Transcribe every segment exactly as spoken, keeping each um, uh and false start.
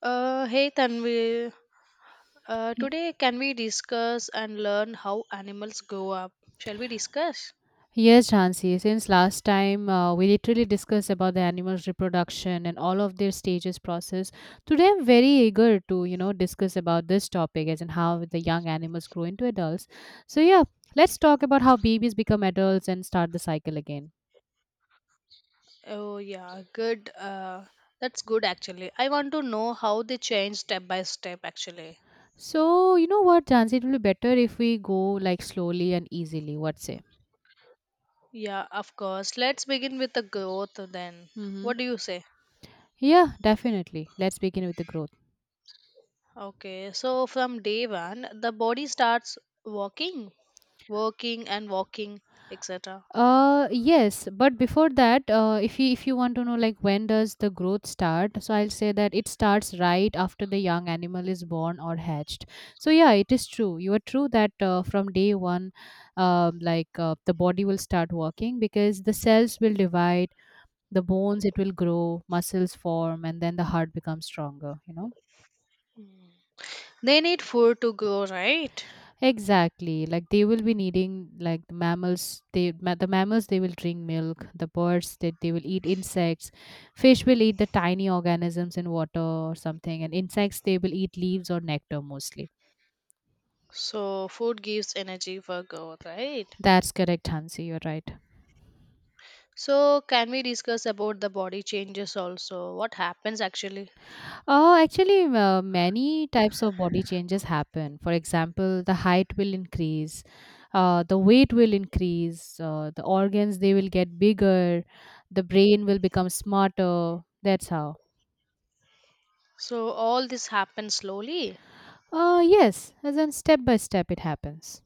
Uh, hey Tanvi, uh, Ye- today can we discuss and learn how animals grow up? Shall we discuss? Yes, Jansi. Since last time uh, we literally discussed about the animals' reproduction and all of their stages process, today I'm very eager to you know discuss about this topic as in how the young animals grow into adults. So yeah, let's talk about how babies become adults and start the cycle again. Oh yeah, good. Uh, that's good actually. I want to know how they change step by step actually. So you know what, Jansi, it will be better if we go like slowly and easily. What say? Yeah, of course. Let's begin with the growth then. Mm-hmm. What do you say? Yeah, definitely. Let's begin with the growth. Okay, so from day one, the body starts walking, working and walking, et cetera. Uh yes, but before that, uh, if you if you want to know like when does the growth start, so I'll say that it starts right after the young animal is born or hatched. So yeah, it is true. You are true that uh, from day one, um, like uh, the body will start working because the cells will divide, the bones it will grow, muscles form, and then the heart becomes stronger. You know. They need food to grow, right? Exactly. Like they will be needing like the mammals. They ma- the mammals they will drink milk. The birds that they will eat insects. Fish will eat the tiny organisms in water or something, and insects they will eat leaves or nectar mostly. So food gives energy for growth, right? That's correct, Hansi. You're right. So, can we discuss about the body changes also? What happens actually? Oh, actually, uh, many types of body changes happen. For example, the height will increase, uh, the weight will increase, uh, the organs they will get bigger, the brain will become smarter. That's how. So, all this happens slowly? Uh, yes, as in step by step it happens.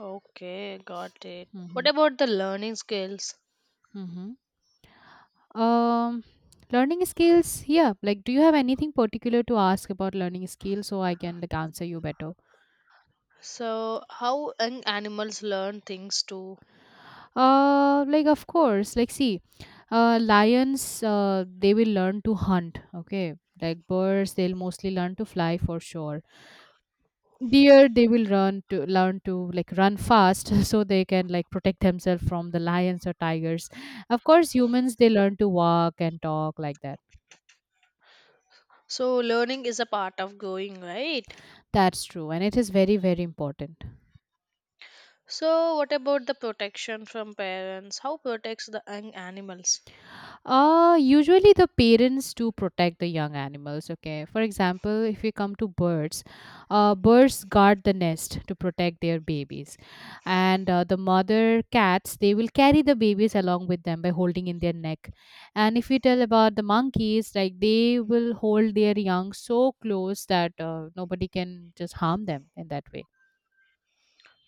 Okay, got it. What Mm-hmm. about the learning skills? Mm-hmm. Um, learning skills. Yeah, like, do you have anything particular to ask about learning skills so I can like answer you better? So, how young animals learn things too? Uh, like of course. Like, see, uh, lions. Uh, they will learn to hunt. Okay. Like birds, they'll mostly learn to fly for sure. Deer, they will run to learn to like run fast so they can like protect themselves from the lions or tigers. Of course, humans they learn to walk and talk like that. So, learning is a part of growing, right? That's true, and it is very, very important. So, what about the protection from parents? How protects the young animals? Uh, usually the parents do protect the young animals, okay? For example, if we come to birds, uh, birds guard the nest to protect their babies. And uh, the mother cats, they will carry the babies along with them by holding in their neck. And if we tell about the monkeys, like they will hold their young so close that uh, nobody can just harm them in that way.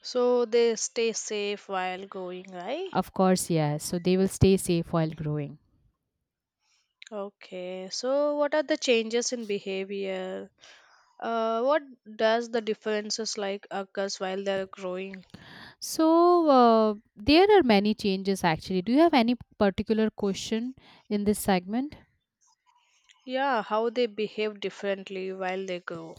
So, they stay safe while growing, right? Of course, yes. So they will stay safe while growing. Okay, so what are the changes in behavior? Uh, what does the differences like occurs while they're growing? So uh, there are many changes actually. Do you have any particular question in this segment? Yeah, how they behave differently while they grow.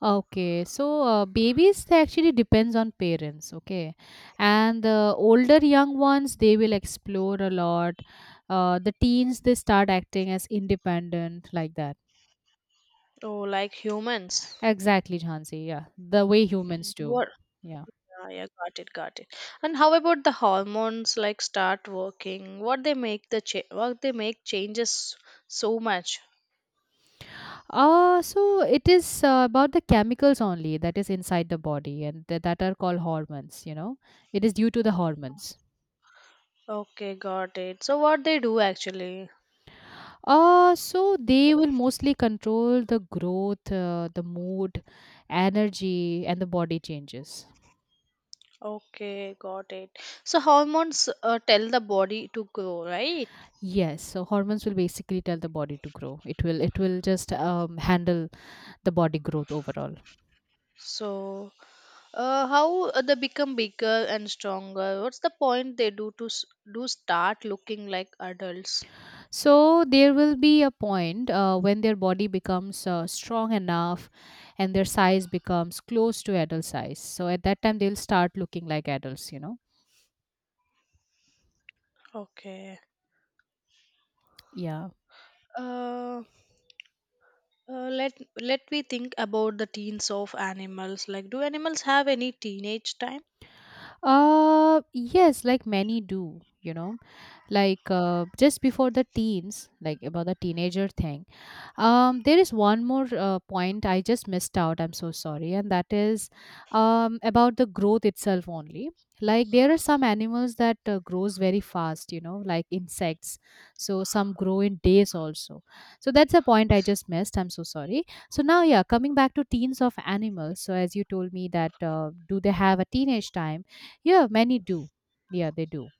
Okay, so uh, babies they actually depends on parents. Okay, and the older young ones they will explore a lot. Uh, the teens they start acting as independent like that. Oh, like humans. Exactly, Jhansi. Yeah, the way humans do. What? Yeah. Yeah, yeah, got it, got it. And how about the hormones like start working? What they make the cha- what they make changes so much. Uh, so it is uh, about the chemicals only that is inside the body and th- that are called hormones, you know. It is due to the hormones. Okay, got it. So what they do actually? Uh, so they will mostly control the growth, uh, the mood, energy and the body changes. Okay, got it. So hormones uh, tell the body to grow, right? Yes, so hormones will basically tell the body to grow. It will it will just um, handle the body growth overall. So, uh, how uh, they become bigger and stronger? What's the point they do to s- do start looking like adults? So there will be a point uh, when their body becomes uh, strong enough and their size becomes close to adult size. So at that time they'll start looking like adults, you know. Okay. Yeah. Uh, uh, let let me think about the teens of animals. Like, do animals have any teenage time? Uh yes, like many do, you know. Like uh, just before the teens, like about the teenager thing. Um, there is one more uh, point I just missed out. I'm so sorry, and that is um, about the growth itself only. Like there are some animals that uh, grows very fast, you know, like insects. So some grow in days also. So that's a point I just missed. I'm so sorry. So now, yeah, coming back to teens of animals. So as you told me that uh, do they have a teenage time? Yeah, many do. Yeah, they do.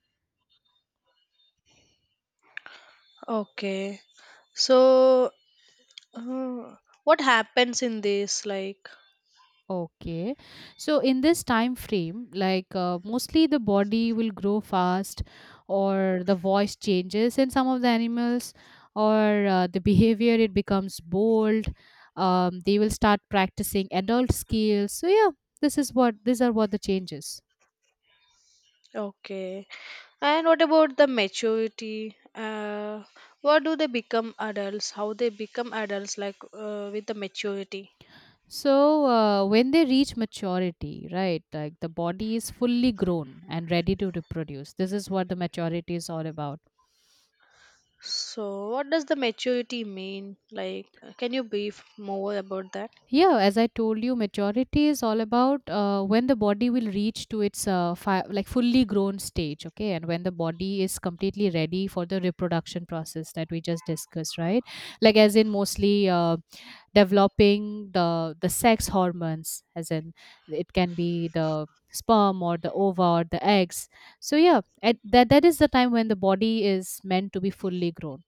Okay. So, uh, what happens in this? Like, Okay. So in this time frame, like uh, mostly the body will grow fast or the voice changes in some of the animals or uh, the behavior it becomes bold. Um, they will start practicing adult skills. So yeah, this is what these are what the changes. okay. And what about the maturity? Uh, what do they become adults? How they become adults, like uh, with the maturity? So uh, when they reach maturity, right? Like the body is fully grown and ready to reproduce. This is what the maturity is all about. So, what does the maturity mean? Like, uh, can you brief more about that? Yeah, as I told you, maturity is all about uh, when the body will reach to its uh, fi- like fully grown stage, okay, and when the body is completely ready for the reproduction process that we just discussed, right? Like as in mostly uh, developing the the sex hormones, as in it can be the sperm or the ova or the eggs. So yeah, at that that is the time when the body is meant to be fully grown.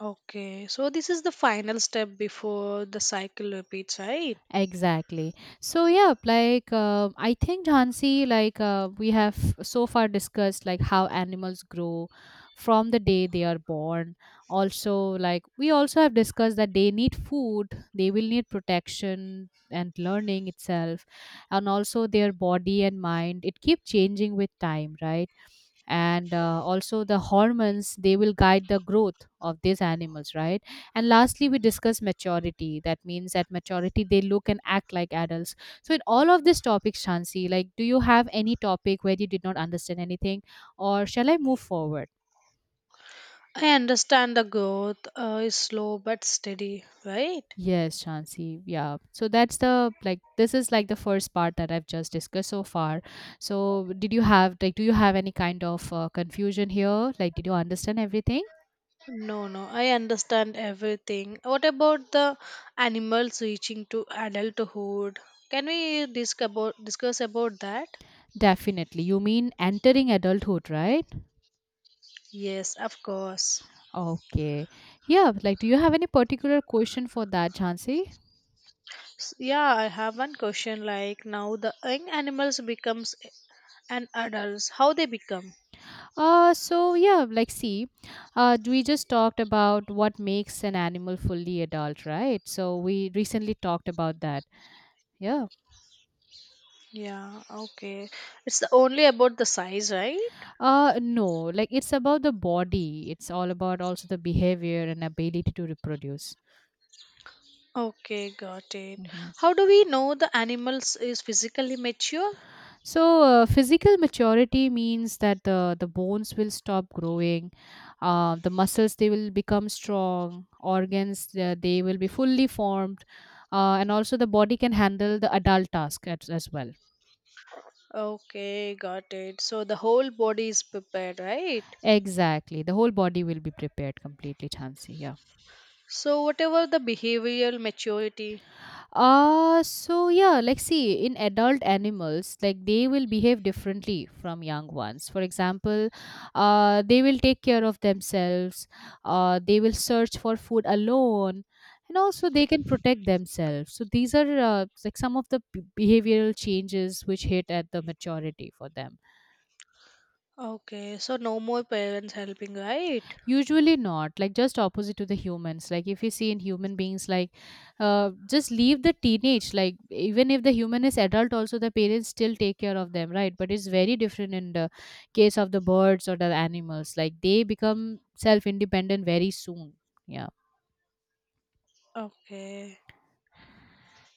Okay, so this is the final step before the cycle repeats, right? Exactly. So yeah, like uh, I think Jhansi, like uh, we have so far discussed like how animals grow from the day they are born. Also, like we also have discussed that they need food, they will need protection and learning itself, and also their body and mind. It keep changing with time, right? And uh, also the hormones they will guide the growth of these animals, right? And lastly we discuss maturity, that means at maturity they look and act like adults. So in all of these topics, Shansi, like do you have any topic where you did not understand anything, or shall I move forward? I understand the growth uh, is slow but steady, right? Yes, Shansi. Yeah. So that's the like this is like the first part that I've just discussed so far. So did you have like do you have any kind of uh, confusion here? Like did you understand everything? No, no, I understand everything. What about the animals reaching to adulthood? Can we disc about, discuss about that? Definitely. You mean entering adulthood, right? Yes, of course. Okay. Yeah, like do you have any particular question for that, Jhansi? S- Yeah, I have one question like now the young animals becomes an adults, how they become? Uh so yeah, like see, uh we just talked about what makes an animal fully adult, right? So we recently talked about that. Yeah. Yeah, okay. It's only about the size, right? Uh no, like it's about the body. It's all about also the behavior and ability to reproduce. Okay, got it. Mhm. How do we know the animals is physically mature? So, uh, physical maturity means that the, the bones will stop growing, uh, the muscles they will become strong, organs uh, they will be fully formed, uh, and also the body can handle the adult task as, as well. Okay, got it. So the whole body is prepared, right? Exactly, the whole body will be prepared completely, Chansi. Yeah. So whatever the behavioral maturity. Uh, so yeah, like see, in adult animals, like they will behave differently from young ones. For example, uh, they will take care of themselves, uh, they will search for food alone, and also they can protect themselves. So these are uh, like some of the b- behavioral changes which hit at the maturity for them. Okay, so no more parents helping, right? Usually not, like just opposite to the humans. Like if you see in human beings, like uh, just leave the teenage, like even if the human is adult also the parents still take care of them, right? But it's very different in the case of the birds or the animals, like they become self independent very soon. Yeah. Okay.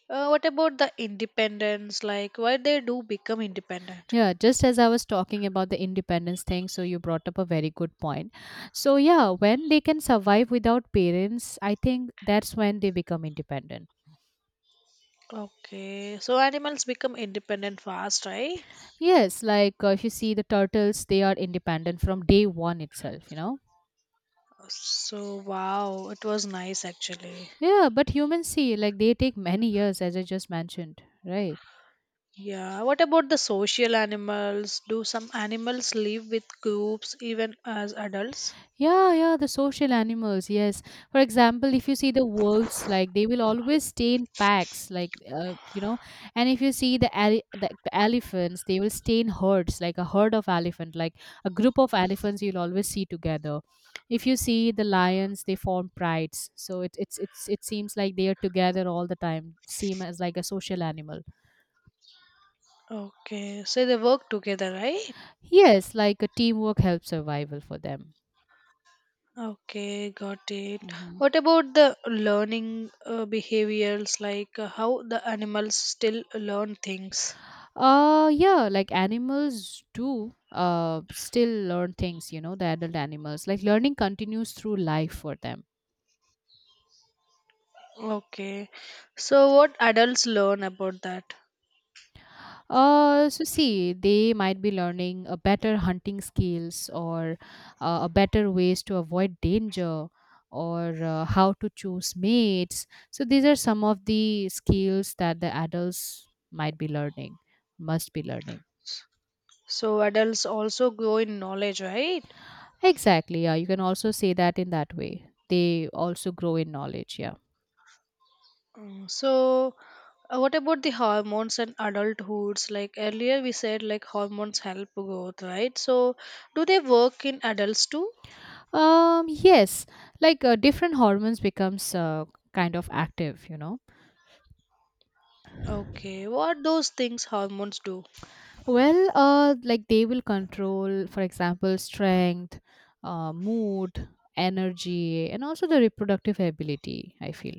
Uh, what about the independence? Like why they do become independent? Yeah, just as I was talking about the independence thing, so you brought up a very good point. So yeah, when they can survive without parents, I think that's when they become independent. Okay, so animals become independent fast, right? Yes, like uh, if you see the turtles, they are independent from day one itself, you know? So wow, it was nice actually. Yeah, but humans see, like, they take many years, as I just mentioned, right? Yeah. What about the social animals? Do some animals live with groups even as adults? Yeah, yeah, the social animals, yes. For example, if you see the wolves, like they will always stay in packs, like uh, you know. And if you see the, ele- the the elephants, they will stay in herds, like a herd of elephant, like a group of elephants you'll always see together. If you see the lions, they form prides, so it it's it's it seems like they are together all the time. Seem as like a social animal. Okay, so they work together, right? Yes, like a teamwork helps survival for them. Okay, got it. Mm-hmm. What about the learning uh, behaviors, like uh, how the animals still learn things? Uh, yeah, like animals do uh still learn things, you know, the adult animals. Like learning continues through life for them. Okay, so what adults learn about that? Uh, so see, they might be learning a better hunting skills or uh, a better ways to avoid danger or uh, how to choose mates. So these are some of the skills that the adults might be learning, must be learning. So adults also grow in knowledge, right? Exactly, yeah. You can also say that in that way. They also grow in knowledge, yeah. Mm, so uh, what about the hormones and adulthoods? Like earlier we said, like hormones help growth, right? So do they work in adults too? Um, yes, like uh, different hormones becomes uh, kind of active, you know. Okay, what those things hormones do? Well, uh, like they will control, for example, strength, uh, mood, energy, and also the reproductive ability. I feel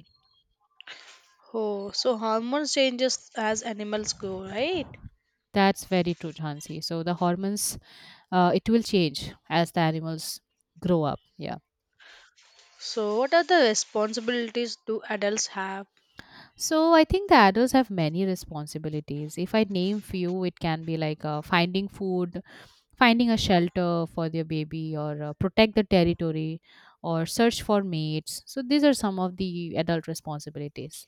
Oh, so hormone changes as animals go, right? that's very true, Hansi. So the hormones, uh, it will change as the animals grow up. Yeah. So, what are the responsibilities do adults have? So I think the adults have many responsibilities. If I name few, it can be like uh, finding food, finding a shelter for their baby, or uh, protect the territory, or search for mates. So these are some of the adult responsibilities.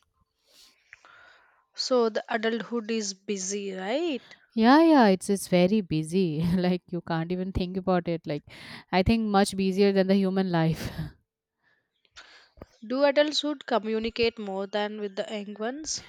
So, the adulthood is busy, right? Yeah, yeah, it's it's very busy. Like you can't even think about it. Like I think much busier than the human life. Do adulthood communicate more than with the young ones?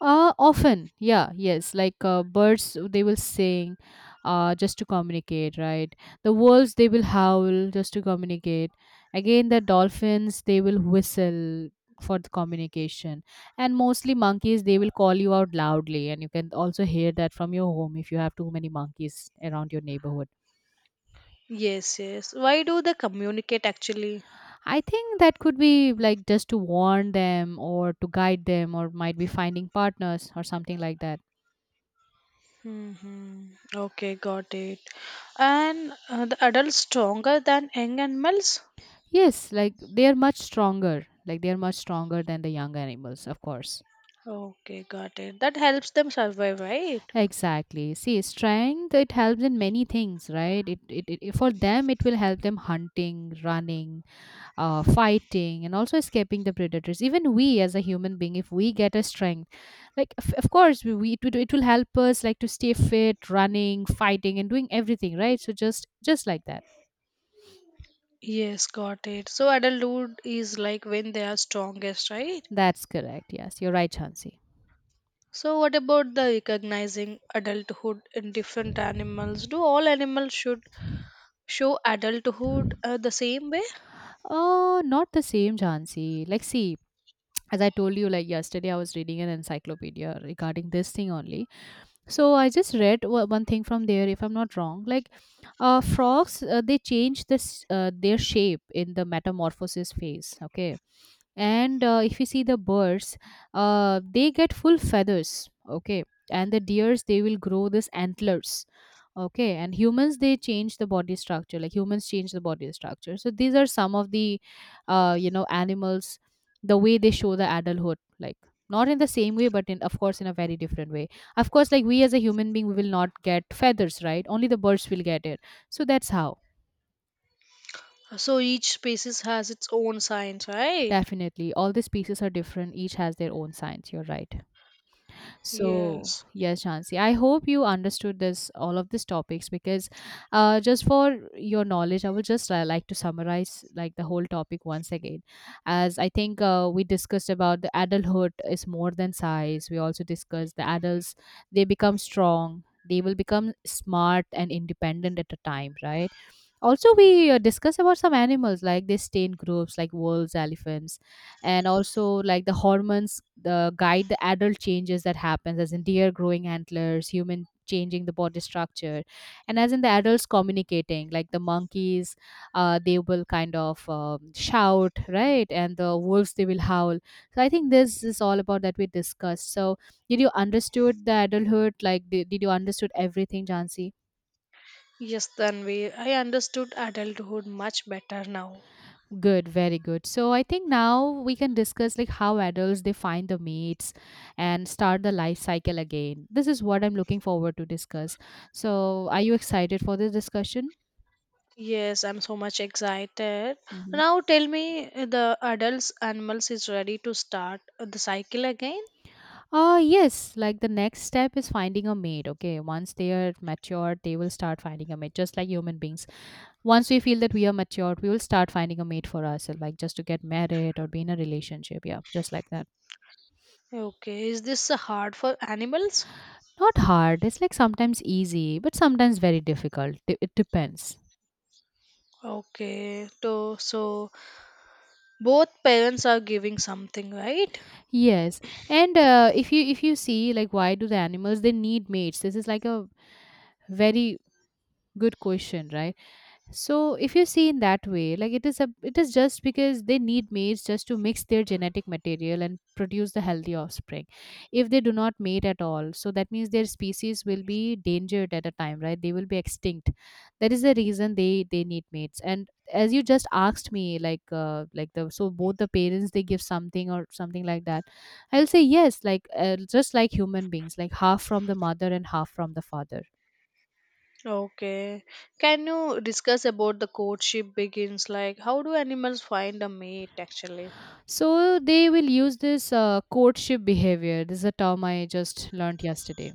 Uh, often, yeah, yes. Like uh, birds, they will sing uh, just to communicate, right? The wolves, they will howl just to communicate. Again, the dolphins, they will whistle for the communication. And mostly monkeys, they will call you out loudly. And you can also hear that from your home if you have too many monkeys around your neighborhood. Yes, yes. Why do they communicate actually? I think that could be like just to warn them or to guide them or might be finding partners or something like that. Hmm, okay, got it. And uh, the adults stronger than young animals? Yes, like they are much stronger. Like they are much stronger than the young animals, of course. Okay, got it. That helps them survive, right? Exactly. See, strength it helps in many things, right? It, it, it for them it will help them hunting, running, uh, fighting, and also escaping the predators. Even we as a human being, if we get a strength, like of of course we, we it, will- it will help us like to stay fit, running, fighting, and doing everything, right? So just just like that. Yes, got it. So adulthood is like when they are strongest, right? That's correct. Yes, you're right, Chansi. So what about the recognizing adulthood in different animals? Do all animals should show adulthood uh, the same way? Uh, not the same, Jansi. Like, see, as I told you, like yesterday, I was reading an encyclopedia regarding this thing only. So I just read o- one thing from there, if I'm not wrong. Like uh, frogs, uh, they change this uh, their shape in the metamorphosis phase. Okay, and uh, if you see the birds uh, they get full feathers, okay, and the deers they will grow this antlers, okay, and humans they change the body structure. Like humans change the body structure. So these are some of the uh, you know animals, the way they show the adulthood. Like not in the same way but in of course in a very different way. Of course like we as a human being we will not get feathers, right? Only the birds will get it. So that's how. So each species has its own signs, right? Definitely all the species are different. Each has their own science. You're right. So Yes. yes, Shansi, I hope you understood this, all of these topics, because uh, just for your knowledge, I would just uh, like to summarize like the whole topic once again. As I think uh, we discussed about the adulthood is more than size. We also discussed the adults they become strong. They will become smart and independent at a time, right? Also we uh, discuss about some animals like they stay in groups like wolves, elephants, and also like the hormones the guide the adult changes that happens as in deer growing antlers, human changing the body structure, and as in the adults communicating like the monkeys. Uh, they will kind of um, shout, right, and the wolves they will howl. So I think this is all about that we discussed. So did you understood the adulthood, like did, did you understood everything, Jansi? Yes, Tanvi. I understood adulthood much better now. Good, very good. So I think now we can discuss like how adults they find the mates and start the life cycle again. This is what I'm looking forward to discuss. So are you excited for this discussion? Yes, I'm so much excited. Mm-hmm. Now tell me uh, the adults animals is ready to start uh, the cycle again. Uh, yes, like the next step is finding a mate. Okay, once they are matured, they will start finding a mate, just like human beings. Once we feel that we are matured, we will start finding a mate for ourselves, like just to get married or be in a relationship. Yeah, just like that. Okay, is this hard for animals? Not hard, it's like sometimes easy, but sometimes very difficult. D- It depends. Okay, to, so both parents are giving something, right? Yes, and uh, if you if you see like why do the animals they need mates? This is like a very good question, right? So if you see in that way, like it is a it is just because they need mates just to mix their genetic material and produce the healthy offspring. If they do not mate at all, so that means their species will be endangered at a time, right? They will be extinct. That is the reason they they need mates. And as you just asked me, like uh, like the so both the parents they give something or something like that. I'll say yes, like uh, just like human beings, like half from the mother and half from the father. Okay, can you discuss about the courtship begins? Like, how do animals find a mate actually? So they will use this uh, courtship behavior. This is a term I just learned yesterday.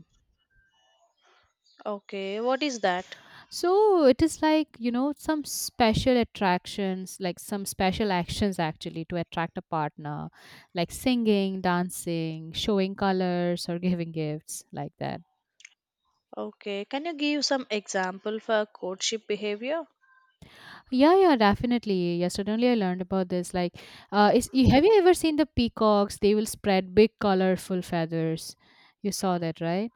Okay, what is that? So it is like, you know, some special attractions, like some special actions actually to attract a partner, like singing, dancing, showing colors, or giving gifts, like that. Okay, can you give some example for courtship behavior? Yeah, yeah, definitely. Yesterday only I learned about this. Like, uh, is, you- have you ever seen the peacocks? They will spread big, colorful feathers. You saw that, right?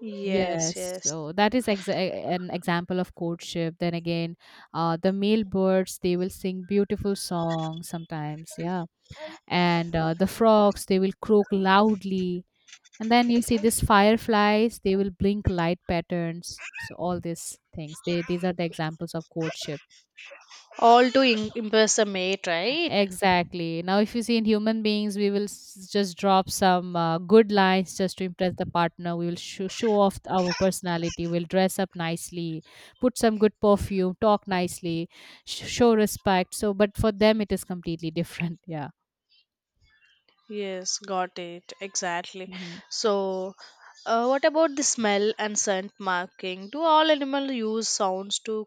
Yes, Yes, yes. so that is exa e-, an example of courtship. Then again, uh, the male birds they will sing beautiful songs sometimes, yeah, and uh, the frogs they will croak loudly, and then you see these fireflies they will blink light patterns. So all these things, they these are the examples of courtship. All to im- impress a mate, right? Exactly. Now, if you see in human beings, we will s- just drop some uh, good lines just to impress the partner. We will sho show off our personality. We'll dress up nicely, put some good perfume, talk nicely, sh- show respect. So, but for them, it is completely different. Yeah. Yes, got it. Exactly. Mhm. So, uh, what about the smell and scent marking? Do all animals use sounds to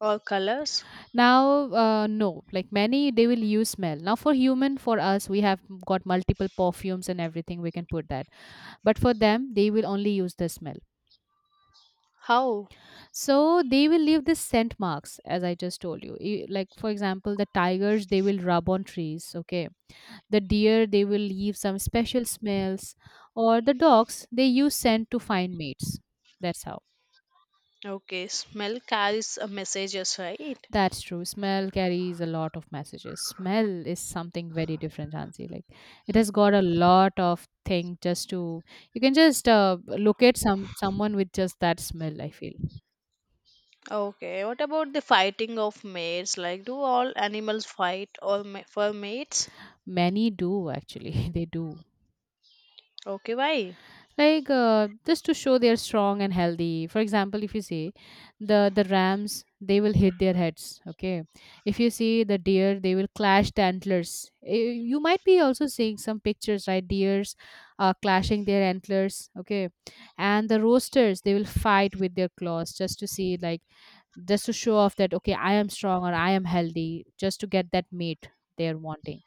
or colors? Now, uh, no, like many, they will use smell. Now, for human, for us, we have got multiple perfumes and everything. We can put that. But for them, they will only use the smell. How? So they will leave these scent marks, as I just told you. E- Like, for example, the tigers, they will rub on trees, okay? The deer, they will leave some special smells. Or the dogs, they use scent to find mates. That's how. Okay, smell carries a messages, right? That's true. Smell carries a lot of messages. Smell is something very different, Hansi. Like, it has got a lot of thing just to. You can just uh, look at some someone with just that smell, I feel. Okay, what about the fighting of mates? Like, do all animals fight or ma- for mates? Many do, actually. They do. Okay, why? Like uh, just to show they're strong and healthy. For example, if you see the the rams, they will hit their heads, okay? If you see the deer, they will clash the antlers. Eh, you might be also seeing some pictures, right? Deers are clashing their antlers, okay, and the roasters they will fight with their claws just to see like, just to show off that, okay, I am strong or I am healthy, just to get that mate they're wanting.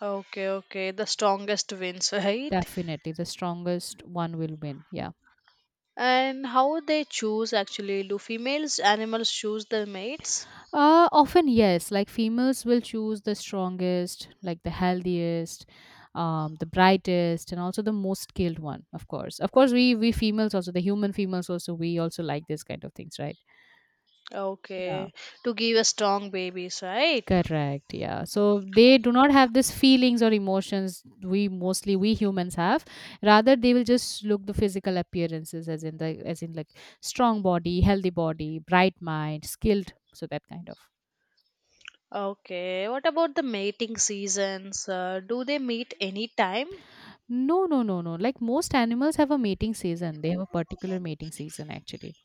Okay, okay, the strongest wins, right? Definitely the strongest one will win, yeah. And how they choose actually? Do females animals choose their mates? Uh, often, yes. Like females will choose the strongest, like the healthiest, um, the brightest, and also the most skilled one. Of course, of course, we we females, also the human females, also we also like this kind of things, right? Yeah, Okay, to give a strong babies, right? correct. Yeah. So they do not have these feelings or emotions we mostly we humans have. Rather, they will just look the physical appearances, as in the as in like strong body, healthy body, bright mind, skilled. So that kind of. Okay, what about the mating seasons? Uh, do they meet any time? No, no, no, no. Like most animals have a mating season. They have a particular mating season actually.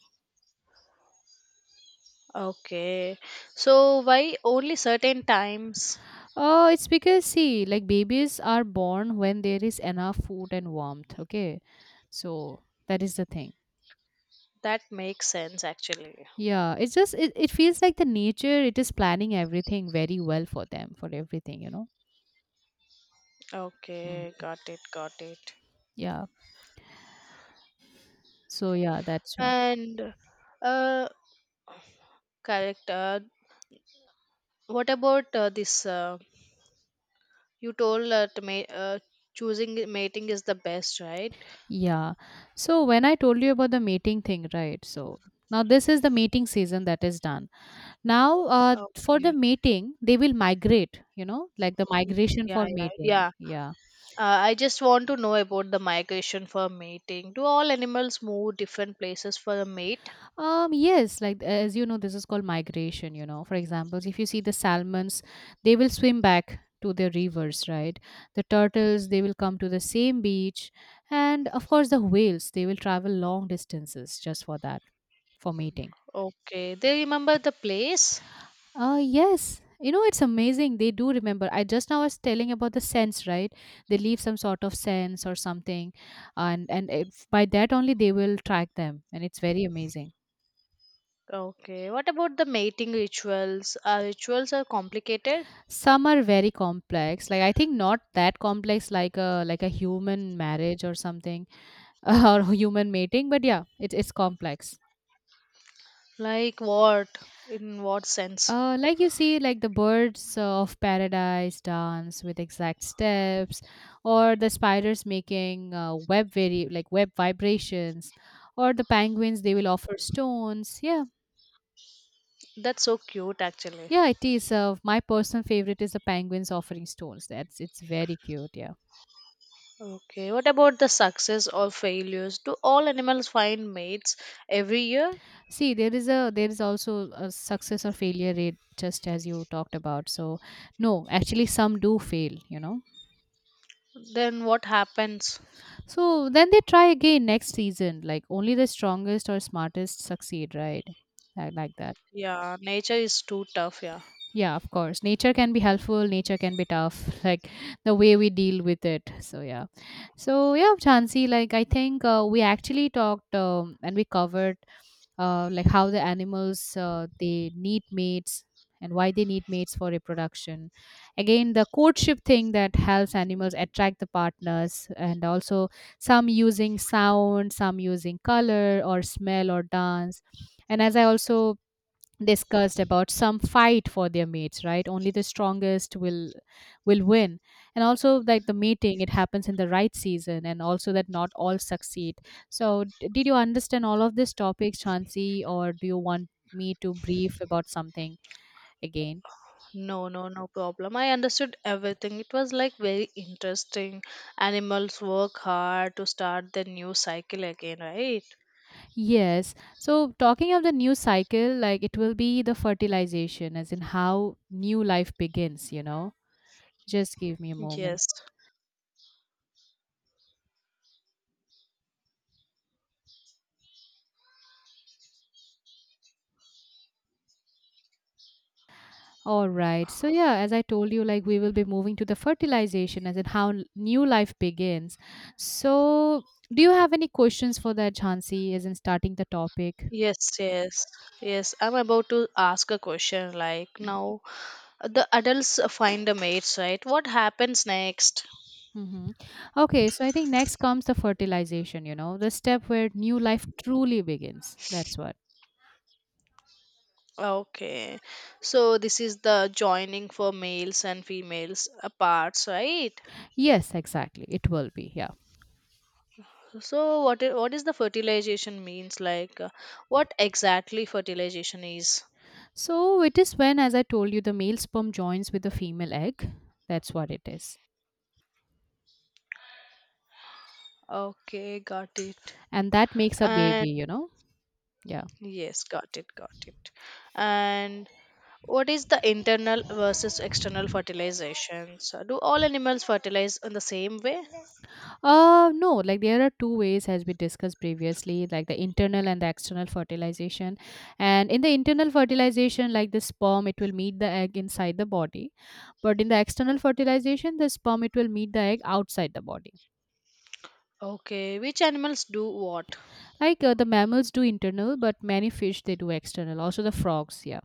Okay, so why only certain times? Oh, it's because see, like babies are born when there is enough food and warmth, okay? So that is the thing. That makes sense actually. Yeah, it's just it, it feels like the nature it is planning everything very well for them, for everything, you know. Okay, Mm. got it, got it. Yeah. So yeah, that's one. And uh, correct. Uh, what about uh, this? Uh, you told that ma- uh, choosing mating is the best, right? Yeah. So when I told you about the mating thing, right? So now this is the mating season that is done. Now, uh, for the Okay. mating, they will migrate, you know, like the migration Yeah, for yeah, mating. yeah. Yeah. Uh, I just want to know about the migration for mating. Do all animals move different places for a mate? Um, yes, like as you know, this is called migration, you know. For example, if you see the salmons, they will swim back to their rivers, right? The turtles, they will come to the same beach. And of course, the whales, they will travel long distances just for that, for mating. Okay, they remember the place. Uh, yes. You know, it's amazing. They do remember. I just now was telling about the sense, right? They leave some sort of sense or something, and and if, by that only they will track them, and it's very amazing. Okay, what about the mating rituals? Are rituals are complicated? Some are very complex. Like I think not that complex, like a like a human marriage or something, or human mating. But yeah, it's it's complex. Like what? In what sense? Uh, like you see, like the birds of paradise dance with exact steps, or the spiders making uh, web vari- like web vibrations, or the penguins they will offer stones. Yeah, That's so cute, actually. yeah, it is. Uh, my personal favorite is the penguins offering stones. That's it's very cute. Yeah. Okay, what about the success or failures? Do all animals find mates every year? See, there is a there is also a success or failure rate, just as you talked about. So, no, actually, some do fail. You know. Then what happens? So then they try again next season. Like only the strongest or smartest succeed, right? I like that. Yeah, nature is too tough. Yeah. Yeah, of course. Nature can be helpful, nature can be tough, like the way we deal with it. So, yeah. So, yeah, Chansi. like I think uh, we actually talked um, and we covered uh, like how the animals uh, they need mates and why they need mates for reproduction. Again, the courtship thing that helps animals attract the partners, and also some using sound, some using color or smell or dance. And as I also discussed about some fight for their mates, right? Only the strongest will will win, and also like the mating, it happens in the right season, and also that not all succeed. So d- did you understand all of these topics, Chansi, or do you want me to brief about something again? No, no, no problem. I understood everything. It was like very interesting. Animals work hard to start their new cycle again, right? Yes, so talking of the new cycle, like it will be the fertilization, as in how new life begins, you know just give me a moment. Yes. All right. So yeah, as I told you, like we will be moving to the fertilization, as in how n- new life begins. So, do you have any questions for that, Jhansi, as in starting the topic? Yes, yes. Yes, I'm about to ask a question like Mm-hmm. now the adults find a mates, right? What happens next? Mm-hmm. Okay, so I think next comes the fertilization, you know, the step where new life truly begins. That's what. Okay. So this is the joining for males and females uh, parts, right? Yes, exactly. It will be, yeah. So what is, what is the fertilization means like? uh, What exactly fertilization is? So it is when, as I told you, the male sperm joins with the female egg. That's what it is. Okay, got it. And that makes a baby, And you know. Yeah. yes, got it, got it. And what is the internal versus external fertilizations? Uh, Do all animals fertilize in the same way? Uh, no, like there are two ways, as we discussed previously, like the internal and the external fertilization. And in the internal fertilization, like the sperm, it will meet the egg inside the body. But in the external fertilization, the sperm, it will meet the egg outside the body. Okay, which animals do what? Like uh, the mammals do internal, but many fish, they do external. Also the frogs, yeah.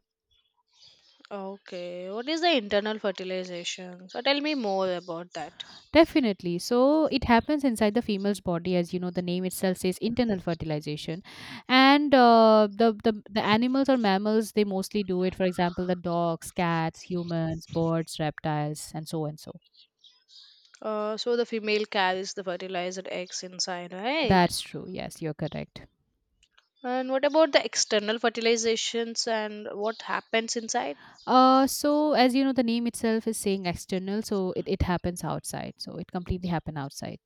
Okay, what is the internal fertilization? So tell me more about that. Definitely. So it happens inside the female's body. As you know, the name itself says internal fertilization, and uh, the, the the animals or mammals, they mostly do it. For example, the dogs, cats, humans, birds, reptiles, and so and so. Uh, so the female carries the fertilized eggs inside, right? That's true. Yes, you're correct. And what about the external fertilizations and what happens inside? Uh, so as you know, the name itself is saying external, so it, it happens outside. So it completely happen outside.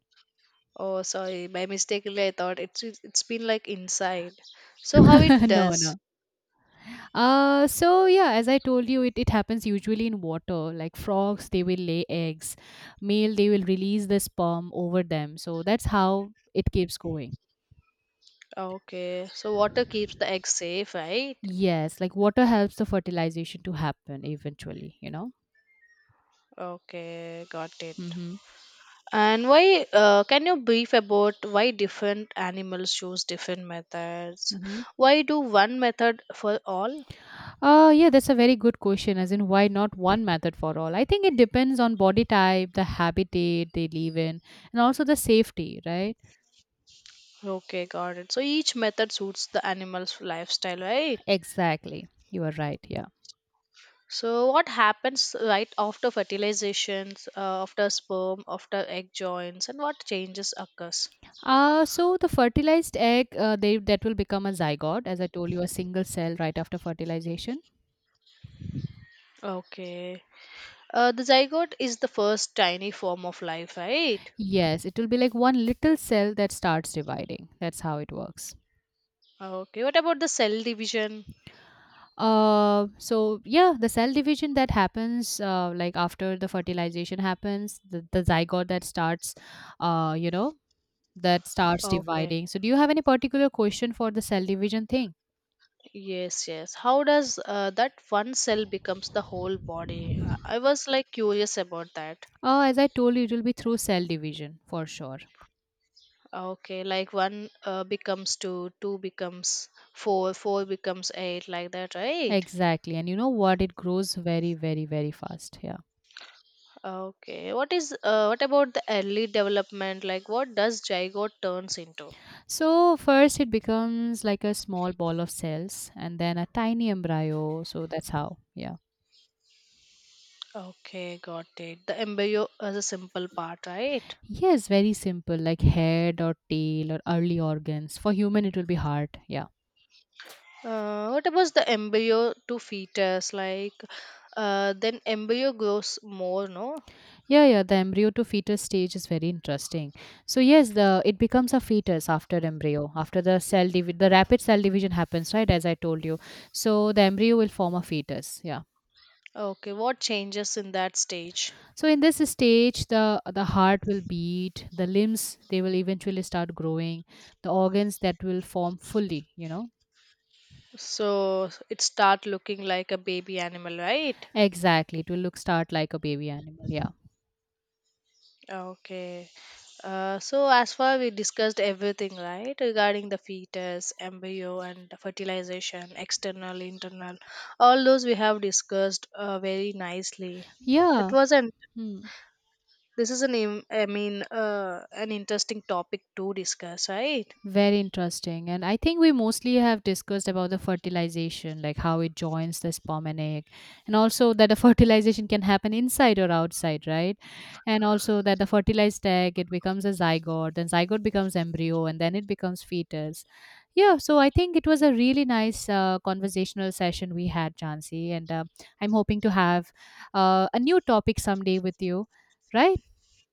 Oh, sorry, by mistakenly I thought it's it's been like inside. So how it no, does? no. Uh, so yeah, as I told you, it, it happens usually in water. Like frogs, they will lay eggs. Male, they will release the sperm over them. So that's how it keeps going. Okay, so water keeps the egg safe, right? Yes, like water helps the fertilization to happen eventually, you know? Okay, got it. Mm-hmm. And why? Uh, can you brief about why different animals choose different methods? Mm-hmm. Why do one method for all? Uh, yeah, that's a very good question. As in, why not one method for all? I think it depends on body type, the habitat they live in, and also the safety, right? Okay, got it. So each method suits the animal's lifestyle, right? Exactly. You are right. Yeah. So what happens right after fertilizations, uh, after sperm, after egg joins, and what changes occurs? Uh, so the fertilized egg, uh, they that will become a zygote, as I told you, a single cell right after fertilization. Okay. Uh, the zygote is the first tiny form of life, right? Yes, it will be like one little cell that starts dividing. That's how it works. Okay. What about the cell division? Uh, so yeah, the cell division that happens, uh, like after the fertilization happens, the, the zygote that starts, uh, you know, that starts Okay. dividing. So do you have any particular question for the cell division thing? Yes, yes. How does uh, that one cell becomes the whole body? I I was like curious about that. Uh, as I told you, it will be through cell division for sure. Okay, like one uh, becomes two, two becomes four, four becomes eight, like that, right? Exactly. And you know what? It grows very, very, very fast. Yeah. Okay. What is uh, what about the early development? Like what does zygote turns into? So, first it becomes like a small ball of cells and then a tiny embryo. So, that's how. Yeah. Okay, got it. The embryo is a simple part, right? Yes, very simple, like head or tail or early organs. For human, it will be heart. Yeah. Uh, what about the embryo to fetus? Like uh, then embryo grows more, no? Yeah. Yeah. The embryo to fetus stage is very interesting. So, yes, the it becomes a fetus after embryo, after the cell divi- the rapid cell division happens, right? As I told you. So, the embryo will form a fetus. Yeah. Okay, what changes in that stage? So in this stage, the the heart will beat, the limbs they will eventually start growing, the organs that will form fully, you know. So it start looking like a baby animal, right? Exactly, it will look start like a baby animal. Yeah, Okay. Uh, so as far we discussed everything, right, regarding the fetus, embryo, and fertilization, external, internal, all those we have discussed uh, very nicely. It yeah. wasn't. Hmm. This is an, im- I mean, uh, an interesting topic to discuss, right? Very interesting. And I think we mostly have discussed about the fertilization, like how it joins the sperm and egg, and also that the fertilization can happen inside or outside, right? And also that the fertilized egg, it becomes a zygote, then zygote becomes embryo, and then it becomes fetus. Yeah, so I think it was a really nice uh, conversational session we had, Jansi, and uh, I'm hoping to have uh, a new topic someday with you, right?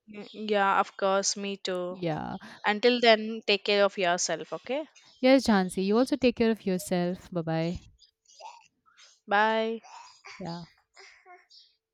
Mm, yeah, of course. Me too. Yeah. Until then, take care of yourself. Okay. Yes, Jansi, you also take care of yourself. Bye bye. Bye. Yeah.